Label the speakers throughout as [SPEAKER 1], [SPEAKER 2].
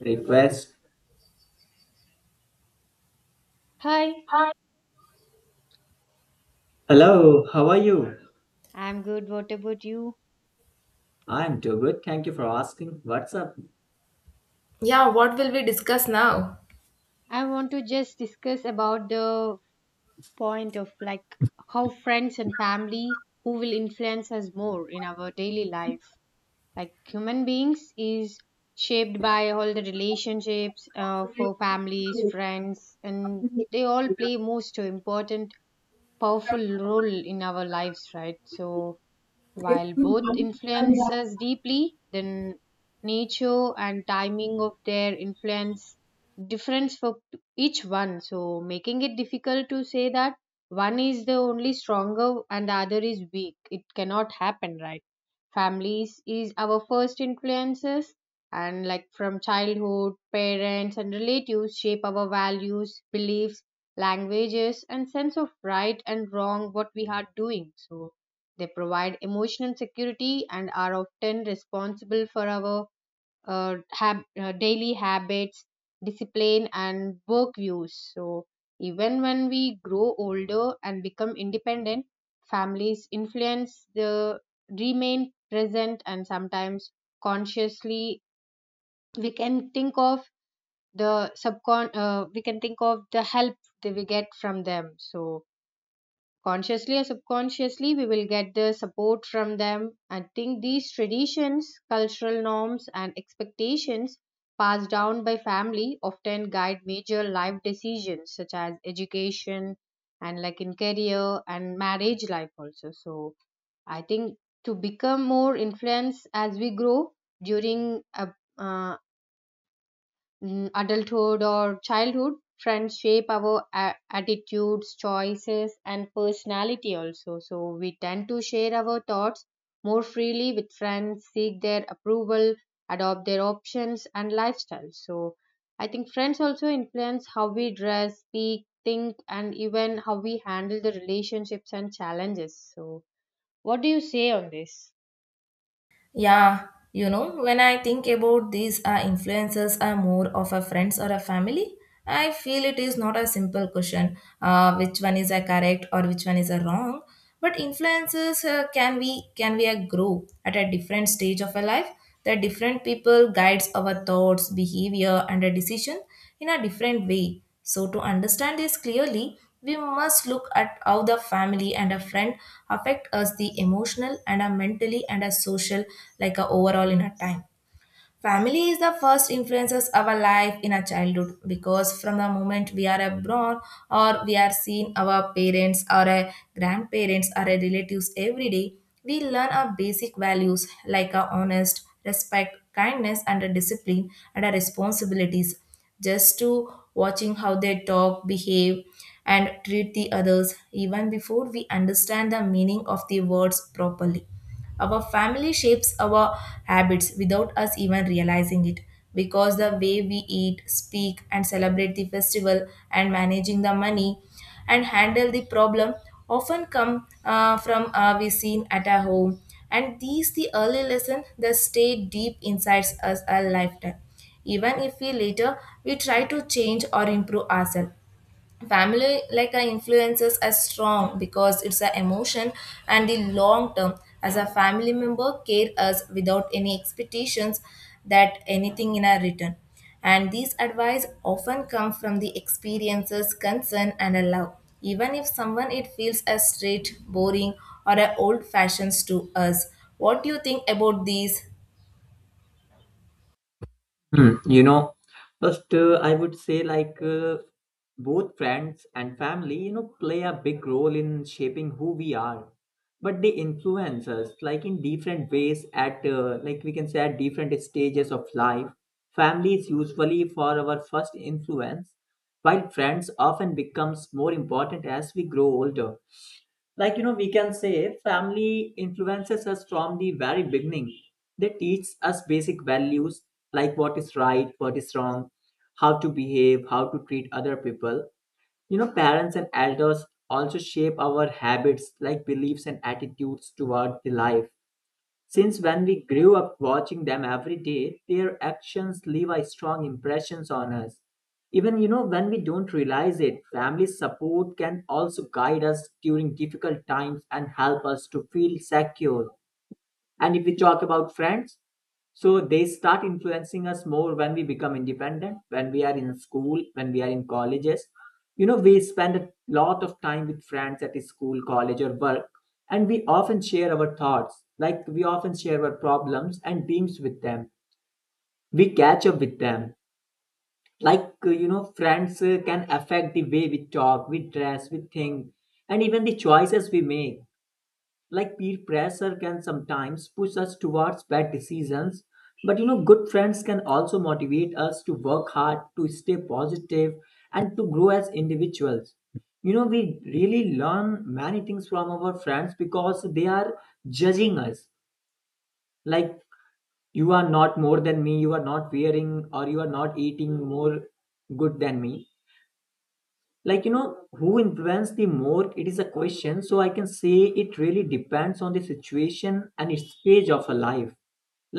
[SPEAKER 1] Request.
[SPEAKER 2] Hi,
[SPEAKER 1] Hi. Hello, how are you?
[SPEAKER 2] I'm good. What about you?
[SPEAKER 1] I'm too good. Thank you for asking. What's up?
[SPEAKER 3] Yeah, what will we discuss now?
[SPEAKER 2] I want to just discuss about the point of like how friends and family who will influence us more in our daily life. Like human beings is shaped by all the relationships for families, friends, and they all play most important powerful role in our lives, right? So while both influence us deeply, then nature and timing of their influence difference for each one, so making it difficult to say that one is the only stronger and the other is weak. It cannot happen, right? Families is our first influences, and like from childhood parents and relatives shape our values, beliefs, languages and sense of right and wrong what we are doing. So they provide emotional security and are often responsible for our daily habits, discipline, and work views. So, even when we grow older and become independent, families influence the remain present, and sometimes consciously we can think of the subcon we can think of the help that we get from them. So consciously or subconsciously we will get the support from them. I think these traditions, cultural norms and expectations passed down by family often guide major life decisions such as education and like in career and marriage life also. So I think to become more influenced as we grow during uh, adulthood or childhood, friends shape our attitudes, choices and personality also. So we tend to share our thoughts more freely with friends, seek their approval, adopt their options and lifestyles. So I think friends also influence how we dress, speak, think and even how we handle the relationships and challenges. So what do you say on this?
[SPEAKER 3] Yeah, you know, when I think about these influences are more of a friends or a family, I feel it is not a simple question which one is a correct or which one is a wrong. But influences uh, can be a grow at a different stage of a life. The different people guides our thoughts, behavior, and a decision in a different way. So, to understand this clearly, we must look at how the family and a friend affect us the emotional and a mentally and a social like a overall in a time. Family is the first influences our life in our childhood because from the moment we are born or we are seeing our parents or a grandparents or a relatives every day, we learn our basic values like our honest, respect, kindness, and a discipline and our responsibilities. Just to watching how they talk, behave, and treat the others even before we understand the meaning of the words properly, our family shapes our habits without us even realizing it because the way we eat, speak, and celebrate the festival and managing the money and handle the problem often come from we seen at our home, and these the early lesson that stay deep inside us a lifetime even if we later we try to change or improve ourselves. Family like influences are strong because it's an emotion and the long term, as a family member care us without any expectations that anything in our return, and these advice often come from the experiences concern and a love even if someone it feels as straight boring or old fashions to us. What do you think about these?
[SPEAKER 1] Hmm, you know, first I would say both friends and family, you know, play a big role in shaping who we are. But they influence us like in different ways at like we can say at different stages of life. Family is usually for our first influence, while friends often becomes more important as we grow older. Like, you know, we can say family influences us from the very beginning. They teach us basic values, like what is right, what is wrong, how to behave, how to treat other people. You know, parents and elders also shape our habits, like beliefs and attitudes toward the life, since when we grew up watching them every day, their actions leave a strong impressions on us. Even, you know, when we don't realize it, family support can also guide us during difficult times and help us to feel secure. And if we talk about friends, so they start influencing us more when we become independent, when we are in school, when we are in colleges. You know, we spend a lot of time with friends at school, college, or work, and we often share our thoughts, like we often share our problems and dreams with them. We catch up with them. Like, you know, friends can affect the way we talk, we dress, we think, and even the choices we make. Like peer pressure can sometimes push us towards bad decisions, but you know, good friends can also motivate us to work hard, to stay positive and to grow as individuals. You know, we really learn many things from our friends because they are judging us, like you are not more than me, you are not wearing or you are not eating more good than me. Like, you know, who influence the more, it is a question. So I can say it really depends on the situation and its stage of a life.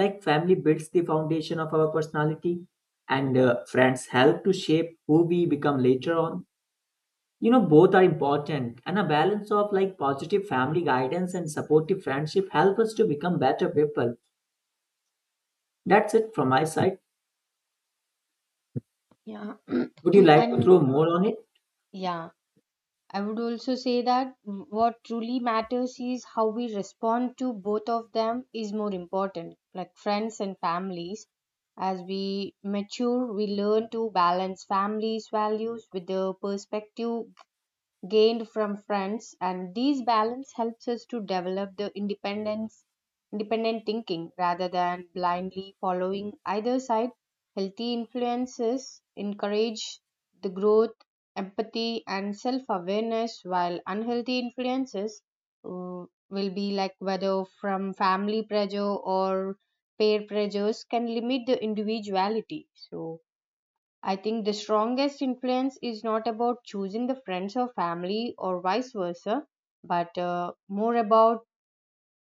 [SPEAKER 1] Like family builds the foundation of our personality, and friends help to shape who we become later on. You know, both are important, and a balance of like positive family guidance and supportive friendship help us to become better people. That's it from my side.
[SPEAKER 2] Yeah
[SPEAKER 1] Would you like to
[SPEAKER 2] and
[SPEAKER 1] throw more on it?
[SPEAKER 2] yeah, I would also say that what truly matters is how we respond to both of them is more important, like friends and families. As we mature, we learn to balance family's values with the perspective gained from friends, and these balance helps us to develop the independence, independent thinking rather than blindly following either side. Healthy influences encourage the growth, empathy and self awareness, while unhealthy influences uh, will be like whether from family pressure or peer pressures can limit the individuality. So I think the strongest influence is not about choosing the friends or family or vice versa, but more about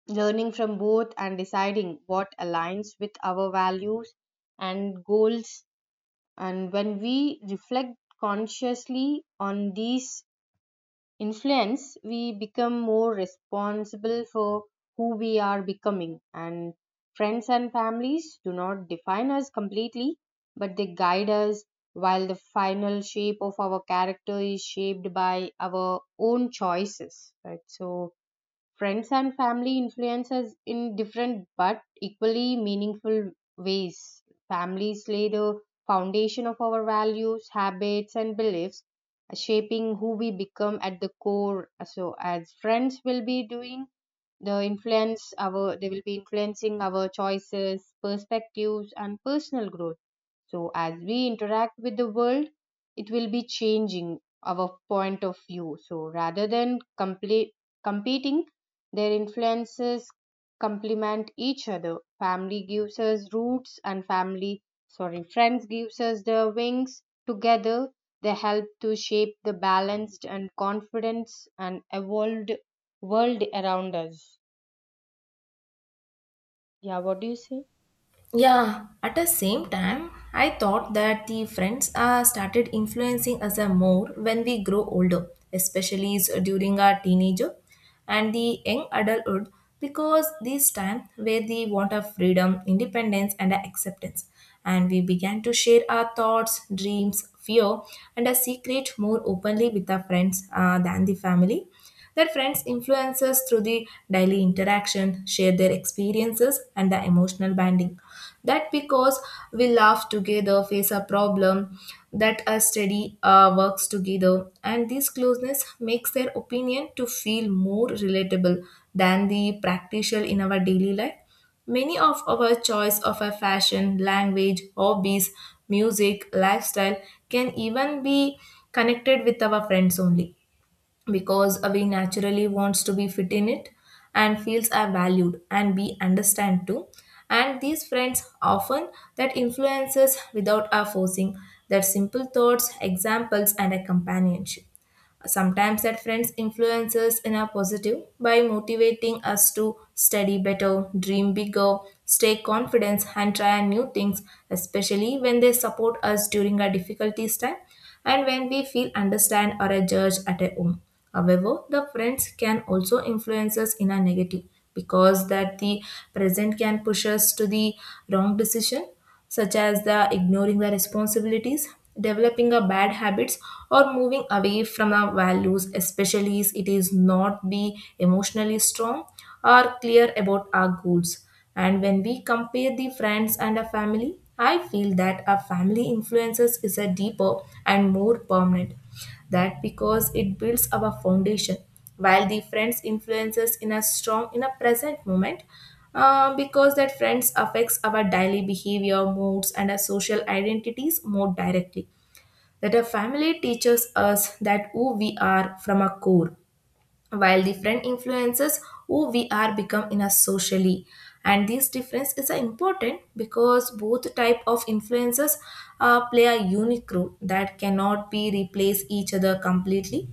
[SPEAKER 2] learning from both and deciding what aligns with our values and goals. And when we reflect consciously on these influence, we become more responsible for who we are becoming. And friends and families do not define us completely, but they guide us, while the final shape of our character is shaped by our own choices, right? So friends and family influences in different but equally meaningful ways. Families lay the foundation of our values, habits, and beliefs, shaping who we become at the core. So, as friends will be doing, the influence our they will be influencing our choices, perspectives and personal growth, so as we interact with the world it will be changing our point of view. So rather than complete competing, their influences complement each other. Family gives us roots and family, sorry, friends gives us the wings. Together they help to shape the balanced and confidence and evolved world around us. Yeah, what do you say?
[SPEAKER 3] Yeah, at the same time, I thought that the friends started influencing us more when we grow older, especially during our teenager and the young adulthood, because this time where the want of freedom, independence, and acceptance, and we began to share our thoughts, dreams, fear, and a secret more openly with our friends than the family. Their friends influence us through the daily interaction, share their experiences, and the emotional bonding. That because we laugh together, face a problem, that a study works together, and this closeness makes their opinion to feel more relatable than the practical in our daily life. Many of our choice of a fashion, language, hobbies, music, lifestyle can even be connected with our friends only because we naturally wants to be fit in it and feels are valued and be understand too, and these friends often that influences without our forcing, that simple thoughts examples and a companionship. Sometimes that friends influence us in a positive by motivating us to study better, dream bigger, stay confident and try new things, especially when they support us during our difficulties time and when we feel understand or are judged at our home. However, the friends can also influence us in a negative because that the present can push us to the wrong decision such as the ignoring the responsibilities, developing a bad habits, or moving away from our values, especially if it is not be emotionally strong or clear about our goals. And when we compare the friends and a family, I feel that a family influences is a deeper and more permanent, that because it builds our foundation while the friends influences in a strong in a present moment, because that friends affects our daily behavior moods and our social identities more directly, that a family teaches us that who we are from our core while different influences who we are become in us socially. And this difference is important because both type of influences play a unique role that cannot be replaced each other completely.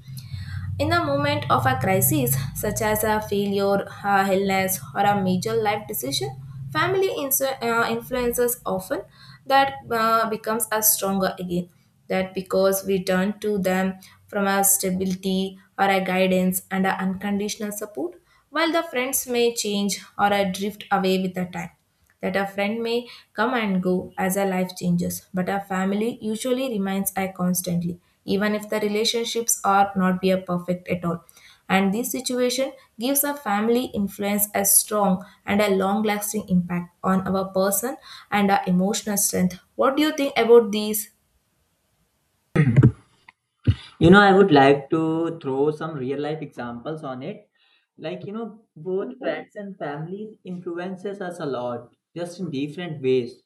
[SPEAKER 3] In the moment of a crisis, such as a failure, a illness, or a major life decision, family influences often that becomes us stronger again. That because we turn to them from our stability or a guidance and our unconditional support. While the friends may change or I drift away with the time, that a friend may come and go as our life changes, but a family usually remains I constantly, even if the relationships are not be a perfect at all. And this situation gives a family influence a strong and a long lasting impact on our person and our emotional strength. What do you think about these?
[SPEAKER 1] You know, I would like to throw some real life examples on it. Like, you know, both friends and families influences us a lot, just in different ways.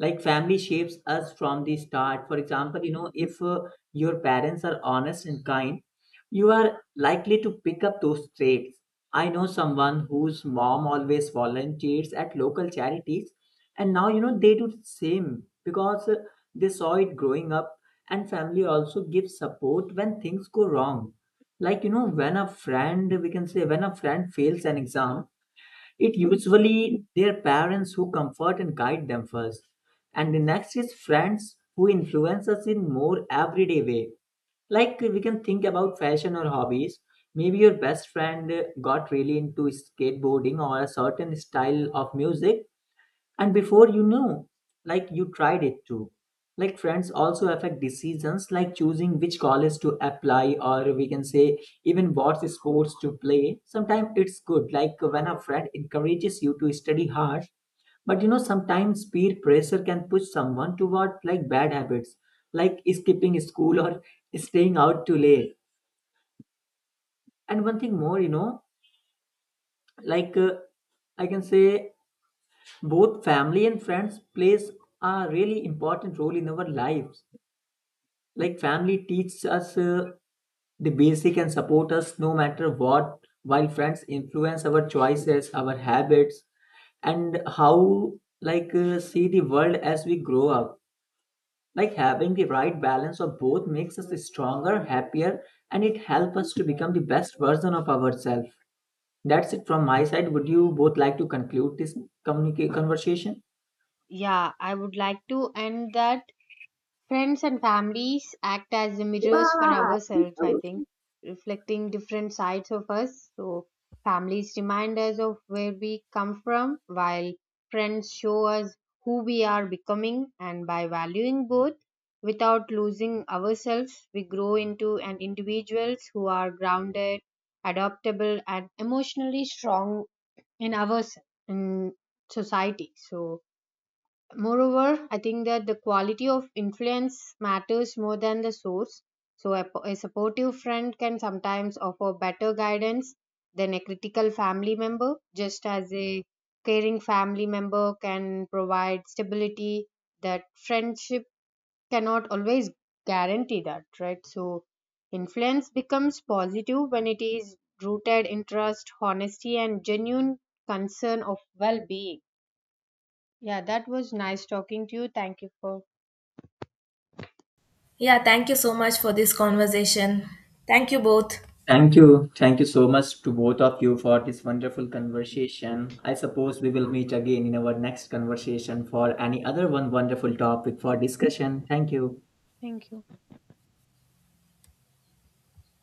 [SPEAKER 1] Like family shapes us from the start. For example, you know, if your parents are honest and kind, you are likely to pick up those traits. I know someone whose mom always volunteers at local charities, and now you know they do the same because they saw it growing up. And family also gives support when things go wrong, like you know, when a friend, we can say, when a friend fails an exam, it usually their parents who comfort and guide them first. And the next is friends who influence us in more everyday way. Like we can think about fashion or hobbies. Maybe your best friend got really into skateboarding or a certain style of music, and before you know, like you tried it too. Like friends also affect decisions, like choosing which college to apply, or we can say even what sports to play. Sometimes it's good, like when a friend encourages you to study hard, but you know, sometimes peer pressure can push someone toward like bad habits, like skipping school or staying out too late. And one thing more, you know, like uh, I can say both family and friends plays a really important role in our lives. Like family teaches us the basic and support us no matter what, while friends influence our choices, our habits, and how, see the world as we grow up. Like having the right balance of both makes us stronger, happier, and it helps us to become the best version of ourselves. That's it from my side. Would you both like to conclude this conversation?
[SPEAKER 2] Yeah, I would like to end that friends and families act as the mirrors for
[SPEAKER 1] Wow.
[SPEAKER 2] ourselves, I think, reflecting different sides of us. So, families remind us of where we come from, while friends show us who we are becoming. And by valuing both without losing ourselves, we grow into an individuals who are grounded, adaptable, and emotionally strong in ourselves in society. So, moreover I think that the quality of influence matters more than the source. So a supportive friend can sometimes offer better guidance than a critical family member, just as a caring family member can provide stability that friendship cannot always guarantee, that right? So influence becomes positive when it is rooted in trust, honesty and genuine concern of well-being. Yeah, that was nice talking to you. Thank you for.
[SPEAKER 3] Yeah, thank you so much for this conversation. Thank you both.
[SPEAKER 1] Thank you. Thank you so much to both of you for this wonderful conversation. I suppose we will meet again in our next conversation for any other one wonderful topic for discussion. Thank you.
[SPEAKER 2] Thank you.